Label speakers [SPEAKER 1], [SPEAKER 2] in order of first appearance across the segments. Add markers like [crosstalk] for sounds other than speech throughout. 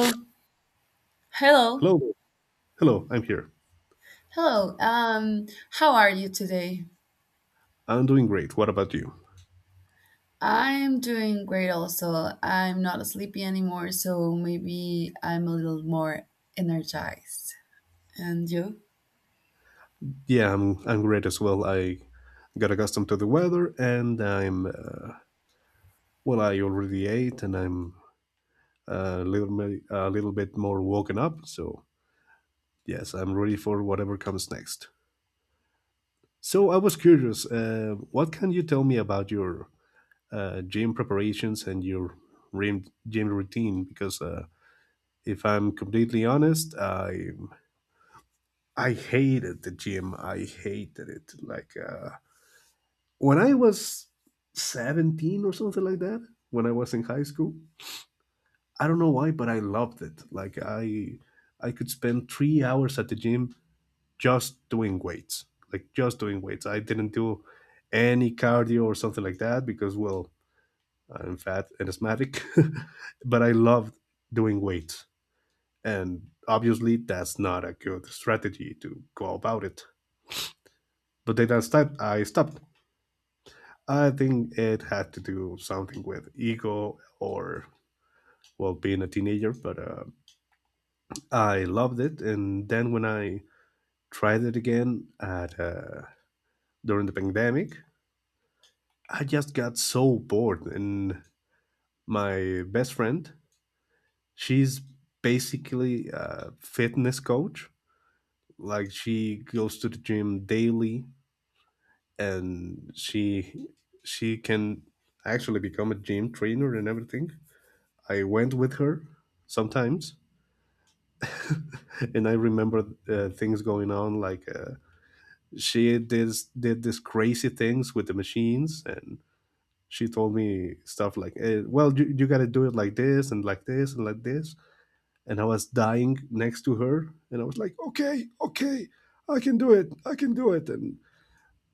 [SPEAKER 1] Oh, hello.
[SPEAKER 2] Hello, hello. I'm here.
[SPEAKER 1] Hello, how are you today?
[SPEAKER 2] I'm doing great. What about you?
[SPEAKER 1] I'm doing great also. I'm not sleepy anymore, so maybe I'm a little more energized. And you?
[SPEAKER 2] Yeah, I'm great as well. I got accustomed to the weather, and I'm well. I already ate, and I'm a little bit more woken up. So yes, I'm ready for whatever comes next. So I was curious. What can you tell me about your gym preparations and your gym routine? Because if I'm completely honest, I hated the gym. I hated it. When I was 17 or something like that, when I was in high school, I don't know why, but I loved it. Like I could spend 3 hours at the gym just doing weights. Like just doing weights. I didn't do any cardio or something like that because well, I'm fat and asthmatic, [laughs] but I loved doing weights. And obviously that's not a good strategy to go about it. But then I stopped. I think it had to do something with ego or well being a teenager, but I loved it. And then when I tried it again at during the pandemic, I just got so bored. And my best friend, she's basically a fitness coach. Like she goes to the gym daily, and she can actually become a gym trainer and everything. I went with her sometimes and I remember things going on like she did these crazy things with the machines, and she told me stuff like, "Well, you got to do it like this and like this and like this," and I was dying next to her, and I was like, "Okay, okay, I can do it, I can do it," and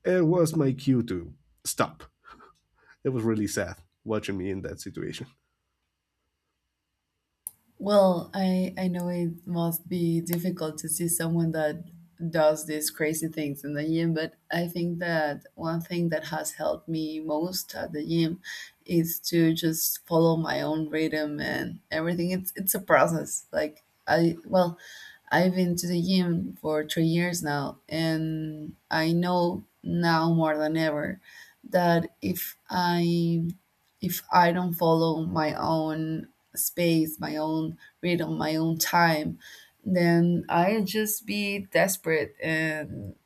[SPEAKER 2] it was my cue to stop. It was really sad watching me in that situation.
[SPEAKER 1] Well, I know it must be difficult to see someone that does these crazy things in the gym, but I think that one thing that has helped me most at the gym is to just follow my own rhythm and everything. It's a process. Like I well, I've been to the gym for 3 years now, and I know now more than ever that if I don't follow my own space, my own rhythm, my own time, then I'll just be desperate, and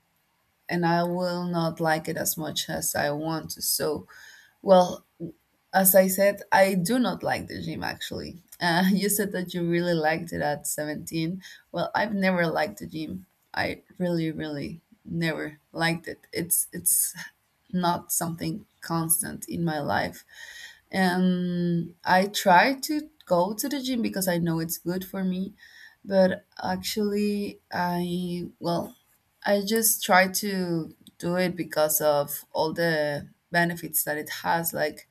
[SPEAKER 1] and I will not like it as much as I want to. So, well, as I said, I do not like the gym, actually. [laughs] You said that you really liked it at 17. Well, I've never liked the gym. I really, really never liked it. It's not something constant in my life. And I try to go to the gym because I know it's good for me, but actually, I just try to do it because of all the benefits that it has, like,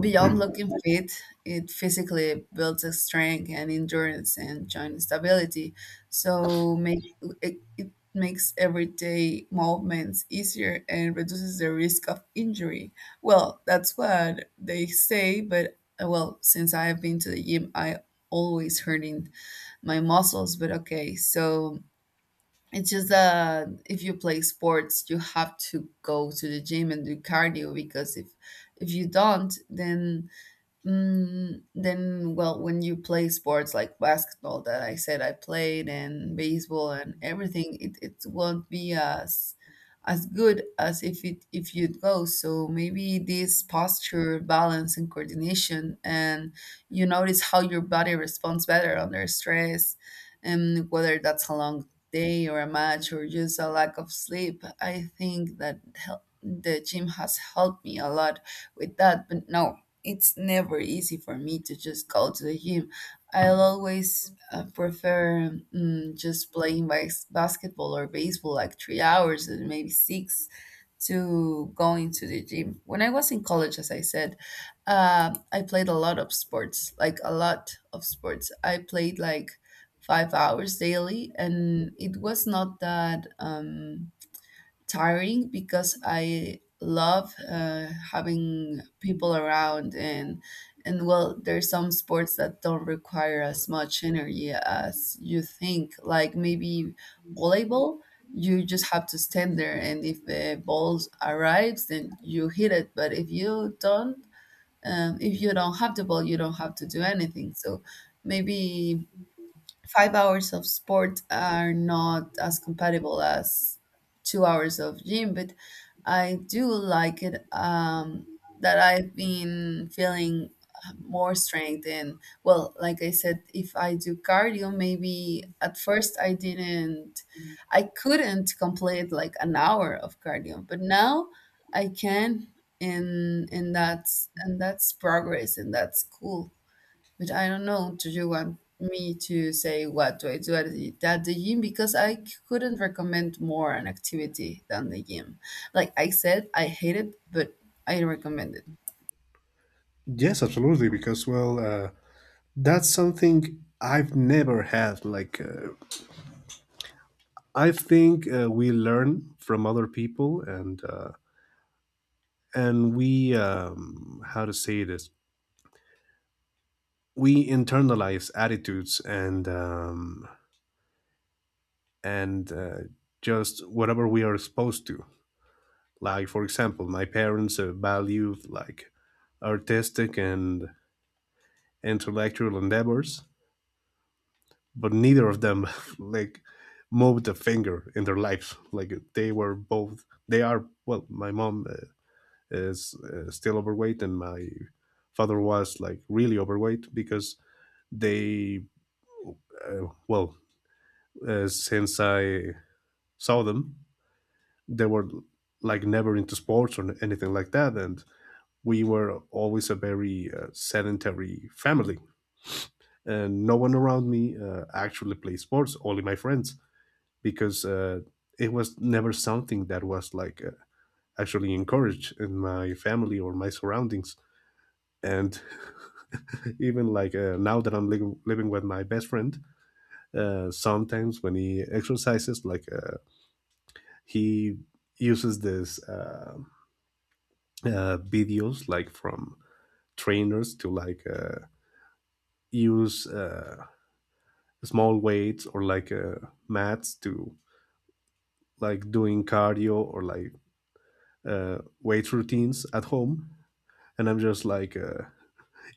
[SPEAKER 1] beyond looking fit, it physically builds a strength and endurance and joint stability. So it makes everyday movements easier and reduces the risk of injury. Well, that's what they say, but well, since I've been to the gym, I always hurting my muscles. But okay, so it's just that if you play sports, you have to go to the gym and do cardio, because if you don't, then, well, when you play sports like basketball, that I said I played, and baseball and everything, it won't be as good as if you'd go. So maybe this posture, balance, and coordination, and you notice how your body responds better under stress, and whether that's a long day or a match or just a lack of sleep. I think that the gym has helped me a lot with that. But no, it's never easy for me to just go to the gym. I'll always prefer, just playing basketball or baseball like 3 hours and maybe six, to going to the gym. When I was in college, as I said, I played a lot of sports, like a lot of sports. I played like 5 hours daily, and it was not that tiring because I love having people around, and well, there's some sports that don't require as much energy as you think, like maybe volleyball. You just have to stand there, and if the ball arrives then you hit it, but if you don't have the ball, you don't have to do anything. So maybe 5 hours of sport are not as compatible as 2 hours of gym, but I do like it, that I've been feeling more strength. And well, like I said, if I do cardio, maybe at first I didn't, I couldn't complete like an hour of cardio, but now I can. And that's progress, and that's cool. But I don't know, do you want me to say what do I do at the gym? Because I couldn't recommend more an activity than the gym. Like I said, I hate it, but I recommend it.
[SPEAKER 2] Yes, absolutely, because well, that's something I've never had like I think we learn from other people, and we how to say this? We internalize attitudes and just whatever we are exposed to. Like for example, my parents value like artistic and intellectual endeavors, but neither of them [laughs] like moved a finger in their lives. Like they were both. They are well. My mom is still overweight, and my father was like really overweight because they, well, since I saw them, they were like never into sports or anything like that, and we were always a very sedentary family, and no one around me actually played sports. Only my friends, because it was never something that was like actually encouraged in my family or my surroundings. And [laughs] even like now that I'm living with my best friend, sometimes when he exercises, like he uses this videos like from trainers to like use small weights or like mats to like doing cardio or like weight routines at home, and I'm just like,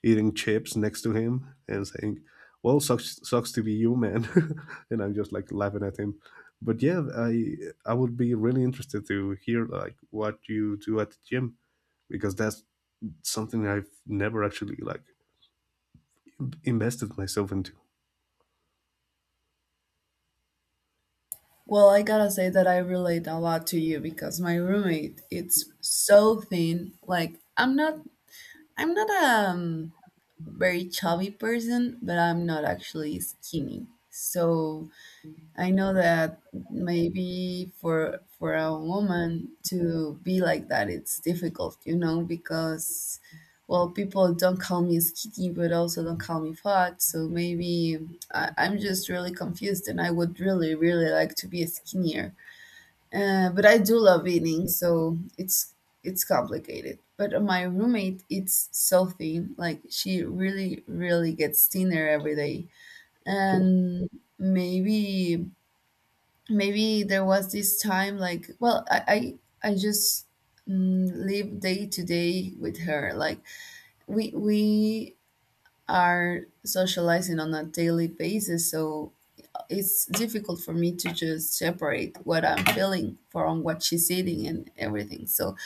[SPEAKER 2] eating chips next to him and saying, "Well, sucks to be you, man," [laughs] and I'm just like laughing at him. But yeah, I would be really interested to hear like what you do at the gym because that's something I've never actually like invested myself into.
[SPEAKER 1] Well, I gotta say that I relate a lot to you, because my roommate, it's so thin. Like I'm not a very chubby person, but I'm not actually skinny. So I know that maybe for a woman to be like that, it's difficult, you know, because, well, people don't call me skinny, but also don't call me fat. So maybe I'm just really confused, and I would really, really like to be skinnier. But I do love eating, so it's complicated. But my roommate eats healthy; like, she really, really gets thinner every day.
[SPEAKER 2] Oh,
[SPEAKER 1] And maybe maybe there was this time, like, well, I just, live day to day with her, like we are socializing on a daily basis, so it's difficult for me to just separate what I'm feeling from what she's eating and everything. So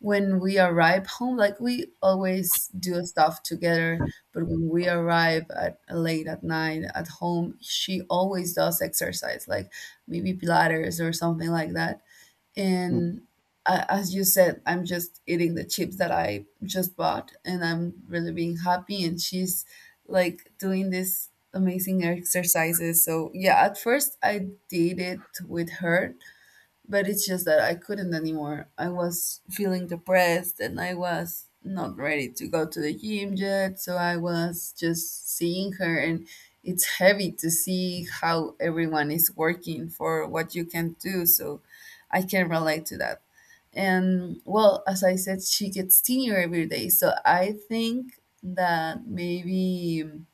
[SPEAKER 1] when we arrive home, like, we always do stuff together, but when we arrive at late at night at home, she always does exercise, like maybe Pilates or something like that.
[SPEAKER 2] mm,
[SPEAKER 1] And as you said, I'm just eating the chips that I just bought and I'm really being happy, and she's like doing these amazing exercises. So yeah, at first I did it with her, but it's just that I couldn't anymore. I was feeling depressed and I was not ready to go to the gym yet. So I was just seeing her, and it's heavy to see how everyone is working for what you can do. So I can relate to that. And well, as I said, she gets thinner every day. So I think that maybe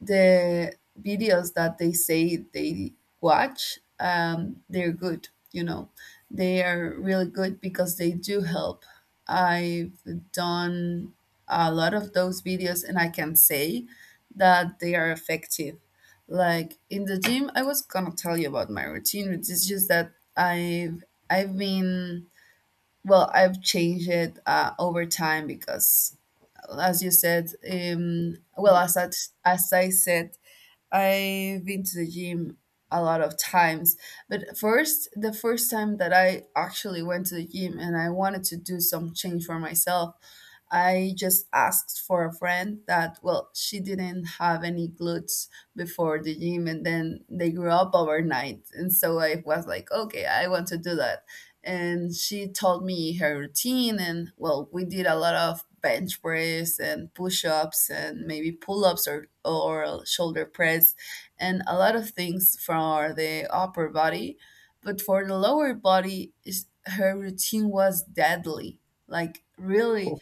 [SPEAKER 1] the videos that they say they watch, they're good, you know, they are really good because they do help. I've done a lot of those videos, and I can say that they are effective. Like, in the gym, I was gonna tell you about my routine, which is just that I've been well I've changed it over time, because as you said, well, as I said, I've been to the gym a lot of times. But first, the first time that I actually went to the gym and I wanted to do some change for myself, I just asked for a friend that, well, she didn't have any glutes before the gym, and then they grew up overnight. And so I was like, okay, I want to do that. And she told me her routine, and, well, we did a lot of bench press and push-ups and maybe pull-ups or shoulder press, and a lot of things for the upper body. But for the lower body, is, her routine was deadly. Like,
[SPEAKER 2] oh,
[SPEAKER 1] really,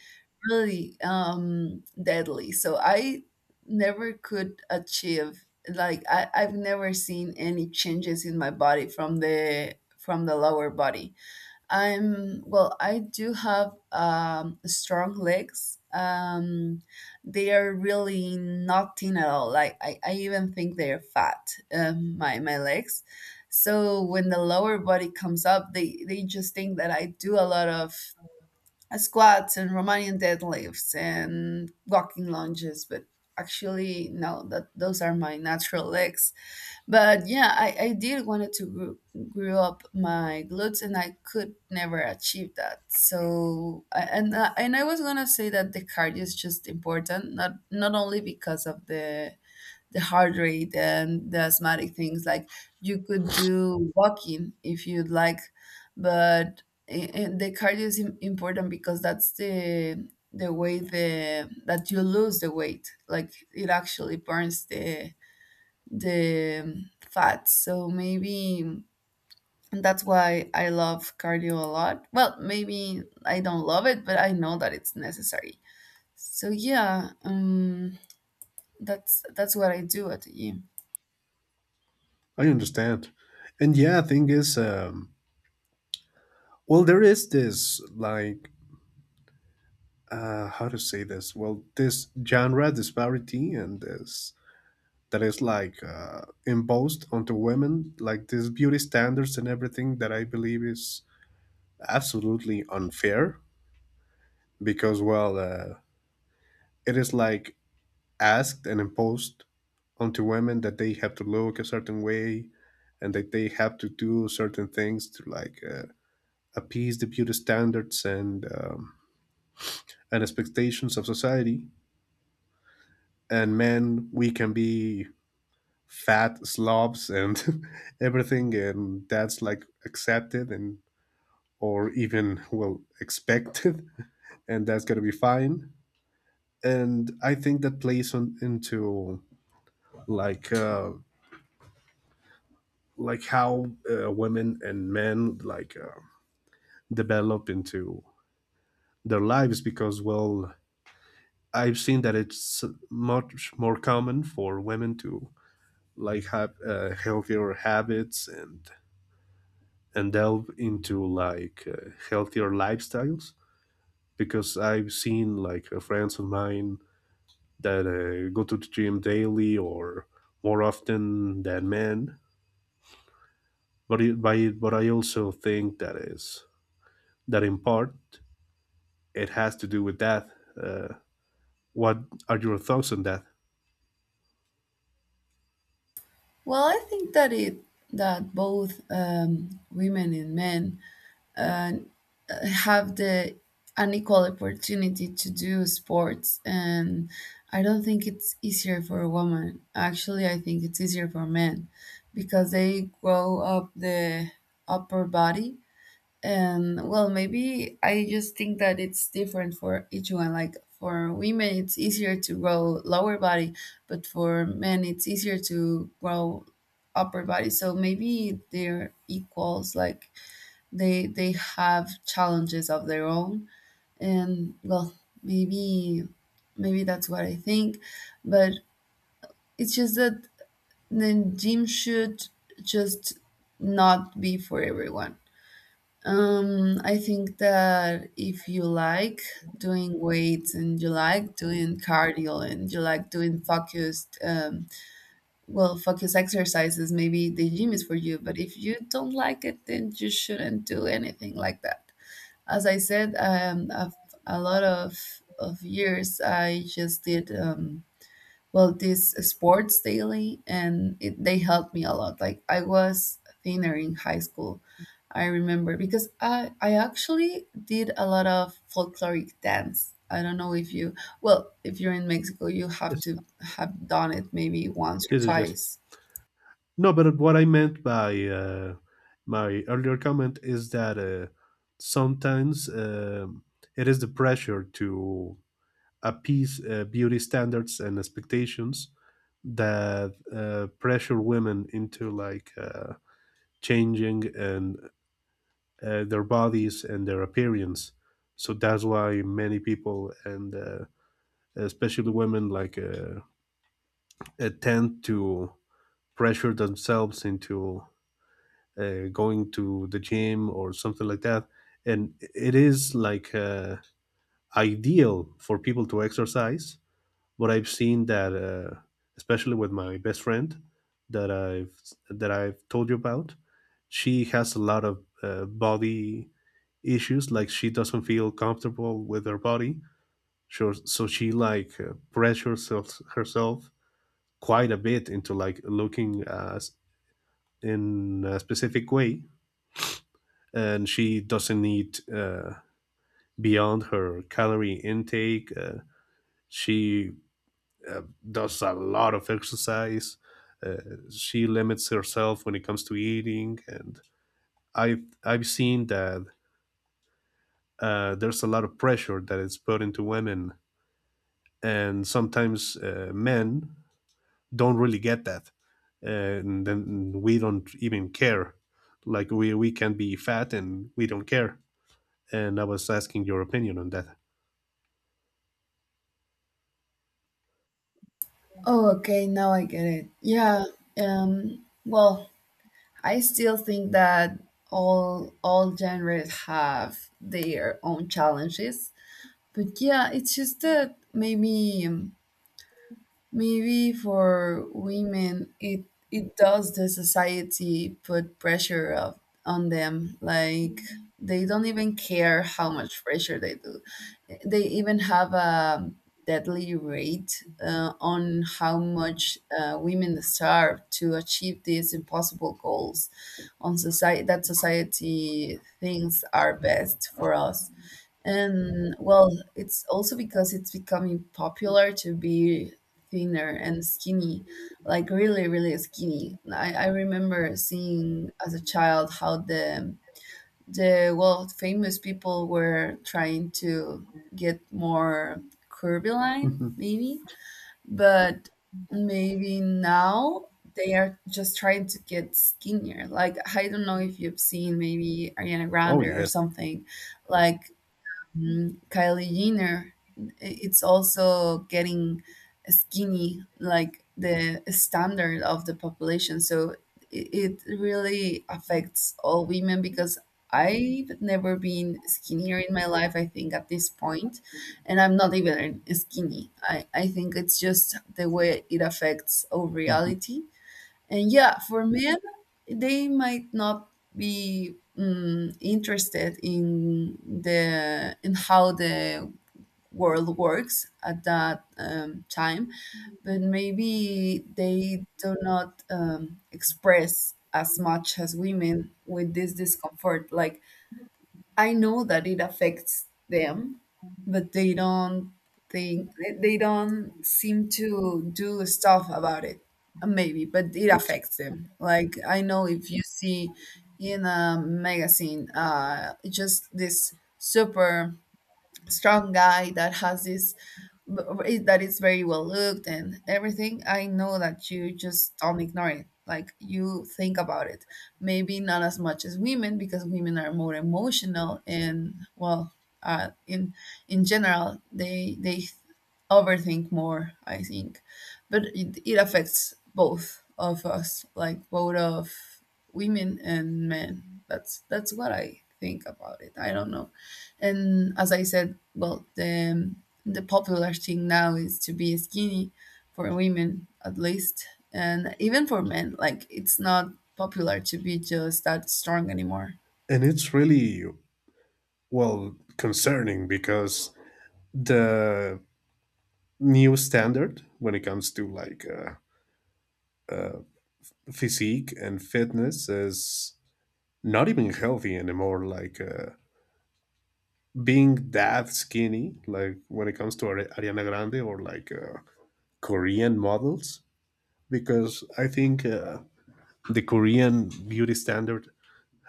[SPEAKER 1] really deadly. So I never could achieve, like, I've never seen any changes in my body from the lower body. I'm, well, I do have strong legs. They are really not thin at all. Like, I even think they're fat. My legs. So when the lower body comes up, they just think that I do a lot of squats and Romanian deadlifts and walking lunges, but actually no, that those are my natural legs. But yeah, I did wanted to grow, up my glutes, and I could never achieve that. So I- and I- and I was gonna say that the cardio is just important, not only because of the heart rate and the asthmatic things. Like, you could do walking if you'd like, but the cardio is important because that's the way the that you lose the weight. Like, it actually burns the fat. So maybe that's why I love cardio a lot. Well, maybe I don't love it, but I know that it's necessary. So yeah, that's what I do at the gym.
[SPEAKER 2] I understand. And yeah, thing is, well, there is this like how to say this? Well, this genre disparity and this that is like imposed onto women, like these beauty standards and everything that I believe is absolutely unfair because, well, it is like asked and imposed onto women that they have to look a certain way and that they have to do certain things to like appease the beauty standards and expectations of society. And men, we can be fat slobs and [laughs] everything, and that's like accepted and or even well expected [laughs] and that's going to be fine and I think that plays on into like uh like how women and men like develop into their lives because well I've seen that it's much more common for women to like have healthier habits and delve into like healthier lifestyles because I've seen like friends of mine that go to the gym daily or more often than men. But I also think that in part it has to do with that. Uh, what are your thoughts on that?
[SPEAKER 1] Well, I think that it that both, women and men, uh, have the unequal opportunity to do sports, and I don't think it's easier for a woman. Actually, I think it's easier for men, because they grow up the upper body. And, well, maybe I just think that it's different for each one. Like, for women, it's easier to grow lower body, but for men, it's easier to grow upper body. So maybe they're equals. Like, they have challenges of their own. And, well, maybe maybe that's what I think. But it's just that the gym should just not be for everyone. I think that if you like doing weights and you like doing cardio and you like doing focused, well, focused exercises, maybe the gym is for you. But if you don't like it, then you shouldn't do anything like that. As I said, a lot of years I just did. Well, this sports daily, and they helped me a lot. Like, I was thinner in high school, I remember, because I actually did a lot of folkloric dance. I don't know if you're in Mexico you have
[SPEAKER 2] Yes,
[SPEAKER 1] to have done it maybe once or
[SPEAKER 2] this is just
[SPEAKER 1] twice.
[SPEAKER 2] no. But what I meant by my earlier comment is that sometimes it is the pressure to appease beauty standards and expectations that pressure women into like, changing and their bodies and their appearance. So that's why many people and especially women like tend to pressure themselves into going to the gym or something like that. And it is like ideal for people to exercise, but I've seen that, especially with my best friend that I've that I've told you about, she has a lot of body issues like she doesn't feel comfortable with her body so, she like pressures herself quite a bit into like looking in a specific way and she doesn't eat beyond her calorie intake, she uh, does a lot of exercise, uh, she limits herself when it comes to eating and I've seen that there's a lot of pressure that is put into women and sometimes men don't really get that and then we don't even care like we can be fat and we don't care and I was asking your opinion on that.
[SPEAKER 1] Oh, okay. Now I get it. Yeah. Well, I still think that all genres have their own challenges. But yeah, it's just that maybe for women, it does the society put pressure on them, like they don't even care how much pressure they do. They even have a deadly rate on how much women starve to achieve these impossible goals on society that society thinks are best for us. And well, it's also because it's becoming popular to be thinner and skinny, like really, really skinny. I remember seeing as a child how the well, famous people were trying to get more curviline,
[SPEAKER 2] Mhm.
[SPEAKER 1] maybe, but maybe now they are just trying to get skinnier. Like, I don't know if you've seen maybe Ariana
[SPEAKER 2] Oh,
[SPEAKER 1] Grande or
[SPEAKER 2] yes.
[SPEAKER 1] something like Mm, Kylie Jenner, it's also getting skinny, like the standard of the population. So it really affects all women because I've never been skinnier in my life, I think, at this point. And I'm not even skinny. I think it's just the way it affects our
[SPEAKER 2] Mhm.
[SPEAKER 1] reality. And yeah, for men, they might not be interested in the in how the world works at that time, but maybe they do not express as much as women with this discomfort. Like, I know that it affects them, but they don't think they don't seem to do stuff about it. Maybe, but it
[SPEAKER 2] Yes,
[SPEAKER 1] affects them. Like, I know if you see in a magazine, just this super strong guy that has this that it's very well looked and everything. I know that you just don't ignore it. Like, you think about it, maybe not as much as women, because women are more emotional and well, uh, in in general they overthink more, I think. But it affects both of us, like both of women and men. That's what I think about it. I don't know. And as I said, well, the popular thing now is to be skinny, for women at least, and even for men. Like, it's not popular to be just that strong anymore.
[SPEAKER 2] and it's really well concerning because the new standard when it comes to like physique and fitness is not even healthy anymore like being that skinny, like when it comes to Ariana Grande or like Korean models, because I think the Korean beauty standard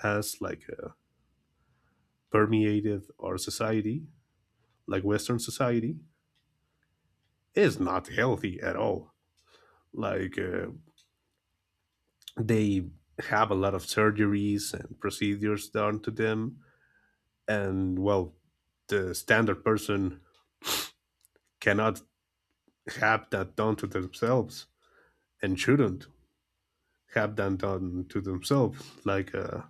[SPEAKER 2] has like permeated our society, like Western society, is not healthy at all. Like they have a lot of surgeries and procedures done to them, and well, the standard person cannot have that done to themselves and shouldn't have done to themselves. Like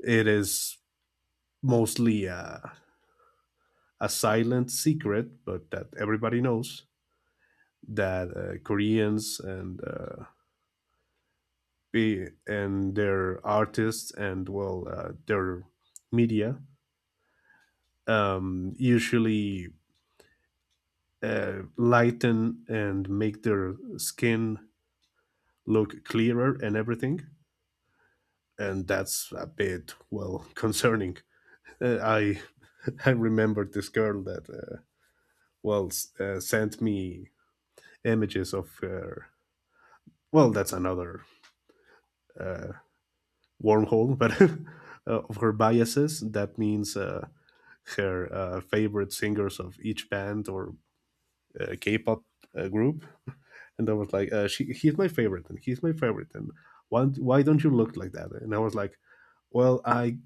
[SPEAKER 2] it is mostly a silent secret, but that everybody knows that Koreans and their artists and well their media usually lighten and make their skin look clearer and everything. And that's a bit well [laughs] concerning. I [laughs] I remembered this girl that well sent me images of her. Well, that's another uh, wormhole, but [laughs] of her biases. That means her favorite singers of each band or K-pop group, and I was like, "He's my favorite, and he's my favorite, and why don't you look like that?" And I was like, "Well, I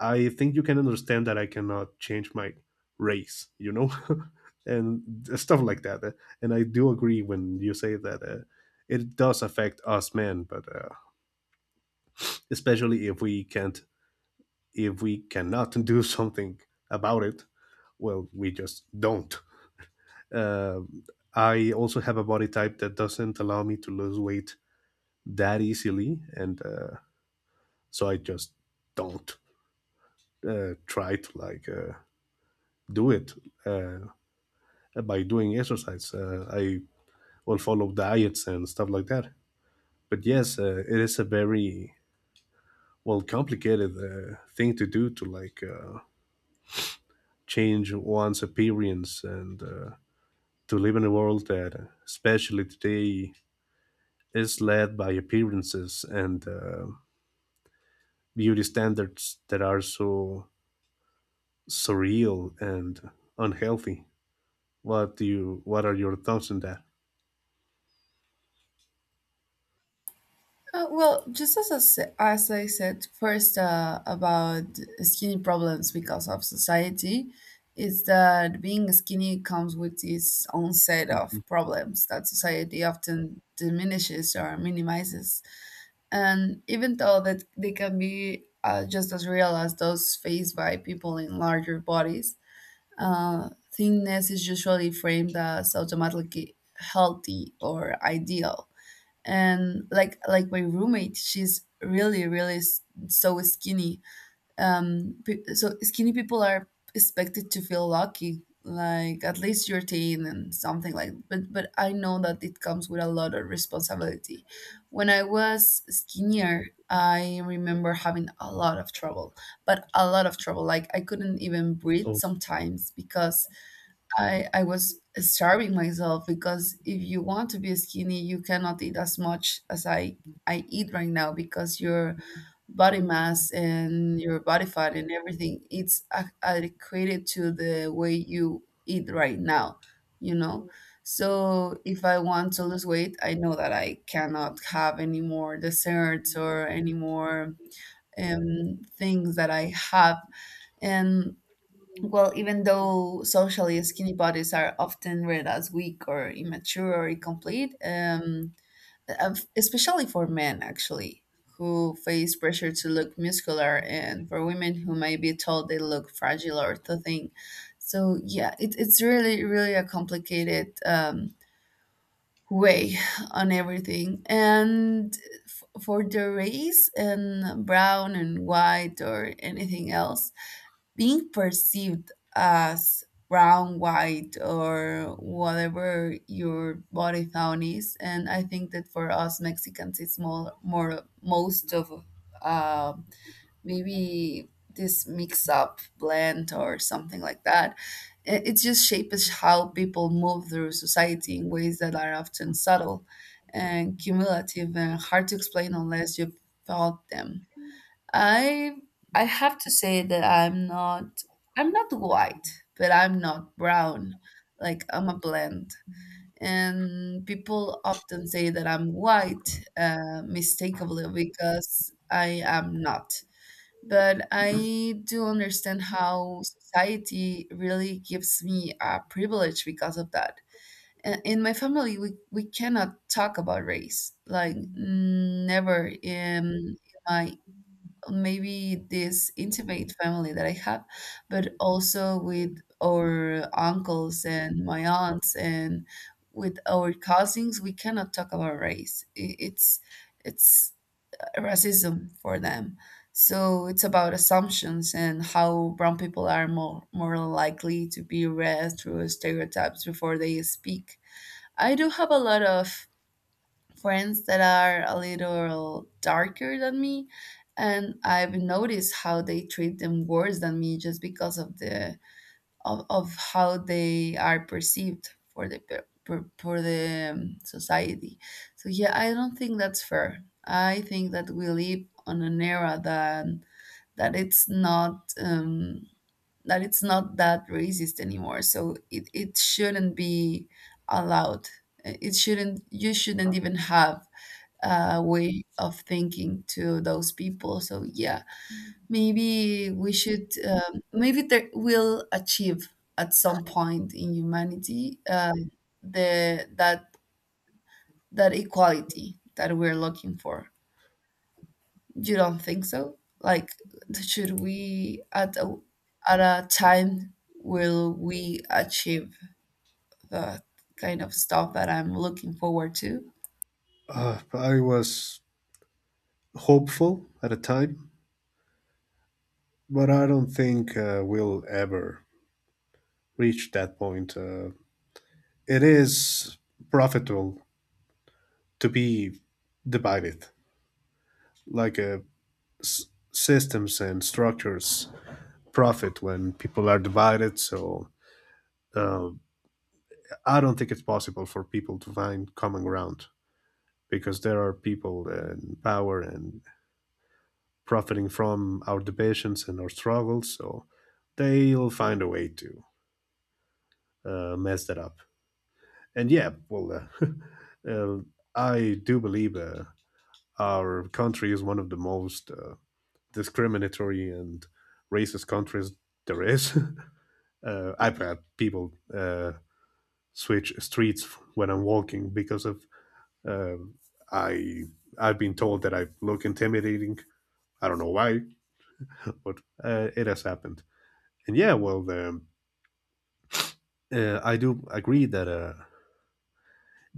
[SPEAKER 2] I think you can understand that I cannot change my race, [laughs] and stuff like that." And I do agree when you say that it does affect us men, but especially if we can't, if we cannot do [laughs] something about it, well, we just don't. Uh, I also have a body type that doesn't allow me to lose weight that easily, and so I just don't try to like do it. Uh, by doing exercise. I will follow diets and stuff like that. But yes, it is a very well complicated thing to do to like change one's appearance and to live in a world that, especially today, is led by appearances and beauty standards that are so surreal and unhealthy. What do you? What are your thoughts on that?
[SPEAKER 1] Well, just as I, as I said first, about skinny problems because of society, is that being skinny comes with its own set of problems that society often diminishes or minimizes. And even though that they can be just as real as those faced by people in larger bodies, thinness is usually framed as automatically healthy or ideal. And like my roommate, she's really, really so skinny. So skinny people are expected to feel lucky, like, at least you're thin, and something like, but I know that it comes with a lot of responsibility. When I was skinnier, I remember having a lot of trouble, but a lot of trouble, like I couldn't even breathe
[SPEAKER 2] Oh,
[SPEAKER 1] sometimes because I was starving myself. Because if you want to be skinny, you cannot eat as much as I eat right now, because your body mass and your body fat and everything, it's adequate to the way you eat right now, you know. So if I want to lose weight, I know that I cannot have any more desserts or any more things that I have. And well, even though socially skinny bodies are often read as weak or immature or incomplete, especially for men, actually, who face pressure to look muscular, and for women who may be told they look fragile or too thin. So yeah, it's really, really a complicated way [laughs] on everything. And for the race and brown and white or anything else, being perceived as brown, white, or whatever your body tone is. And I think that for us Mexicans, it's more, most of uh, maybe this mix up blend or something like that. It just shapes how people move through society in ways that are often subtle and cumulative and hard to explain unless you've felt them. I I have to say that I'm not white, but I'm not brown. Like, I'm a blend. And people often say that I'm white, mistakenly, because I am not. But I do understand how society really gives me a privilege because of that. In my family, we cannot talk about race, like never in in my, maybe this intimate family that I have, but also with our uncles and my aunts and with our cousins, we cannot talk about race. It's racism for them. So it's about assumptions and how brown people are more likely to be read through stereotypes before they speak. I do have a lot of friends that are a little darker than me, and I've noticed how they treat them worse than me just because of the of how they are perceived for the for the society. So yeah, I don't think that's fair. I think that we live on an era that that it's not that it's not that racist anymore, so it shouldn't be allowed. It shouldn't, you shouldn't even have way of thinking to those people. So yeah, maybe we should, maybe there will achieve at some point in humanity the that that equality that we're looking for. You don't think so? Like, should we at a time, will we achieve the kind of stuff that I'm looking forward to?
[SPEAKER 2] I was hopeful at a time but I don't think we'll ever reach that point. It is profitable to be divided, like systems and structures profit when people are divided. So uh, I don't think it's possible for people to find common ground because there are people in power and profiting from our divisions and our struggles. So they'll find a way to mess that up. And yeah, well, [laughs] I do believe our country is one of the most discriminatory and racist countries there is. [laughs] I've had people switch streets when I'm walking because of uh, I. I've been told that I look intimidating. I don't know why, [laughs] but it has happened. And yeah, well, I do agree that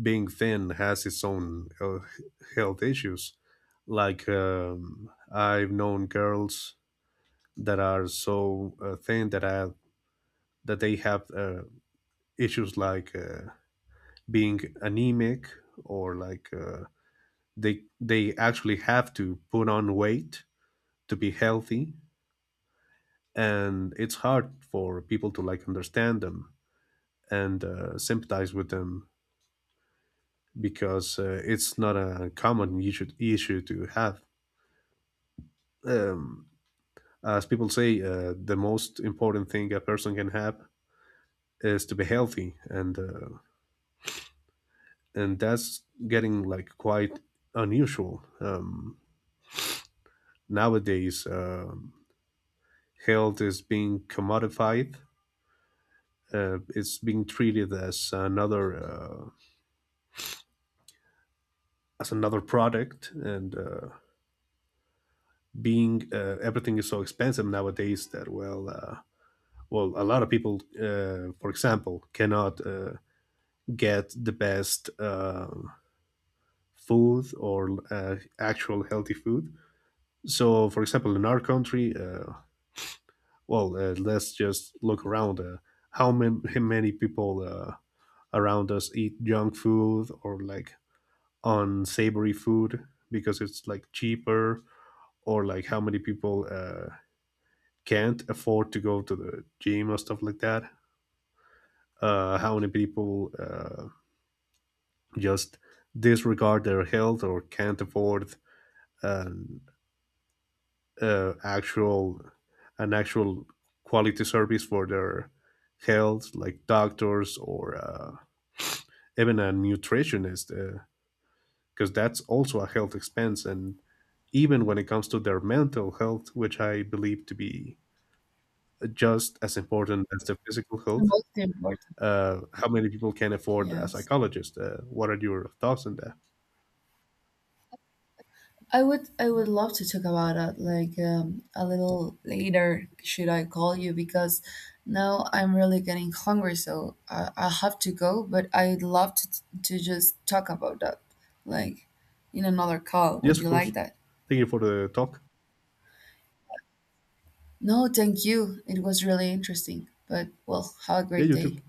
[SPEAKER 2] being thin has its own health issues. Like I've known girls that are so thin that they have issues like being anemic or like they actually have to put on weight to be healthy, and it's hard for people to like understand them and sympathize with them because it's not a common issue to have. Um, as people say, the most important thing a person can have is to be healthy, and that's getting like quite unusual nowadays. Health is being commodified. It's being treated as another product, and being everything is so expensive nowadays that well. Well, a lot of people, for example, cannot get the best food or actual healthy food. So, for example, in our country, well, let's just look around. How many people around us eat junk food or like unsavory food because it's like cheaper, or like how many people can't afford to go to the gym or stuff like that? How many people just disregard their health or can't afford um, actual an actual quality service for their health, like doctors or even a nutritionist, because that's also a health expense. And even when it comes to their mental health, which I believe to be just as important as the physical
[SPEAKER 1] The
[SPEAKER 2] health,
[SPEAKER 1] most important,
[SPEAKER 2] how many people can afford a
[SPEAKER 1] yes.
[SPEAKER 2] psychologist? What are your thoughts on that?
[SPEAKER 1] I would love to talk about that, like a little later. Should I call you? Because now I'm really getting hungry, so I have to go. But I'd love to just talk about that like in another call. Would
[SPEAKER 2] Yes,
[SPEAKER 1] you
[SPEAKER 2] of course.
[SPEAKER 1] like that?
[SPEAKER 2] Thank you for the talk.
[SPEAKER 1] No, thank you. It was really interesting. But well, have a
[SPEAKER 2] Yeah,
[SPEAKER 1] great
[SPEAKER 2] you
[SPEAKER 1] day.
[SPEAKER 2] too.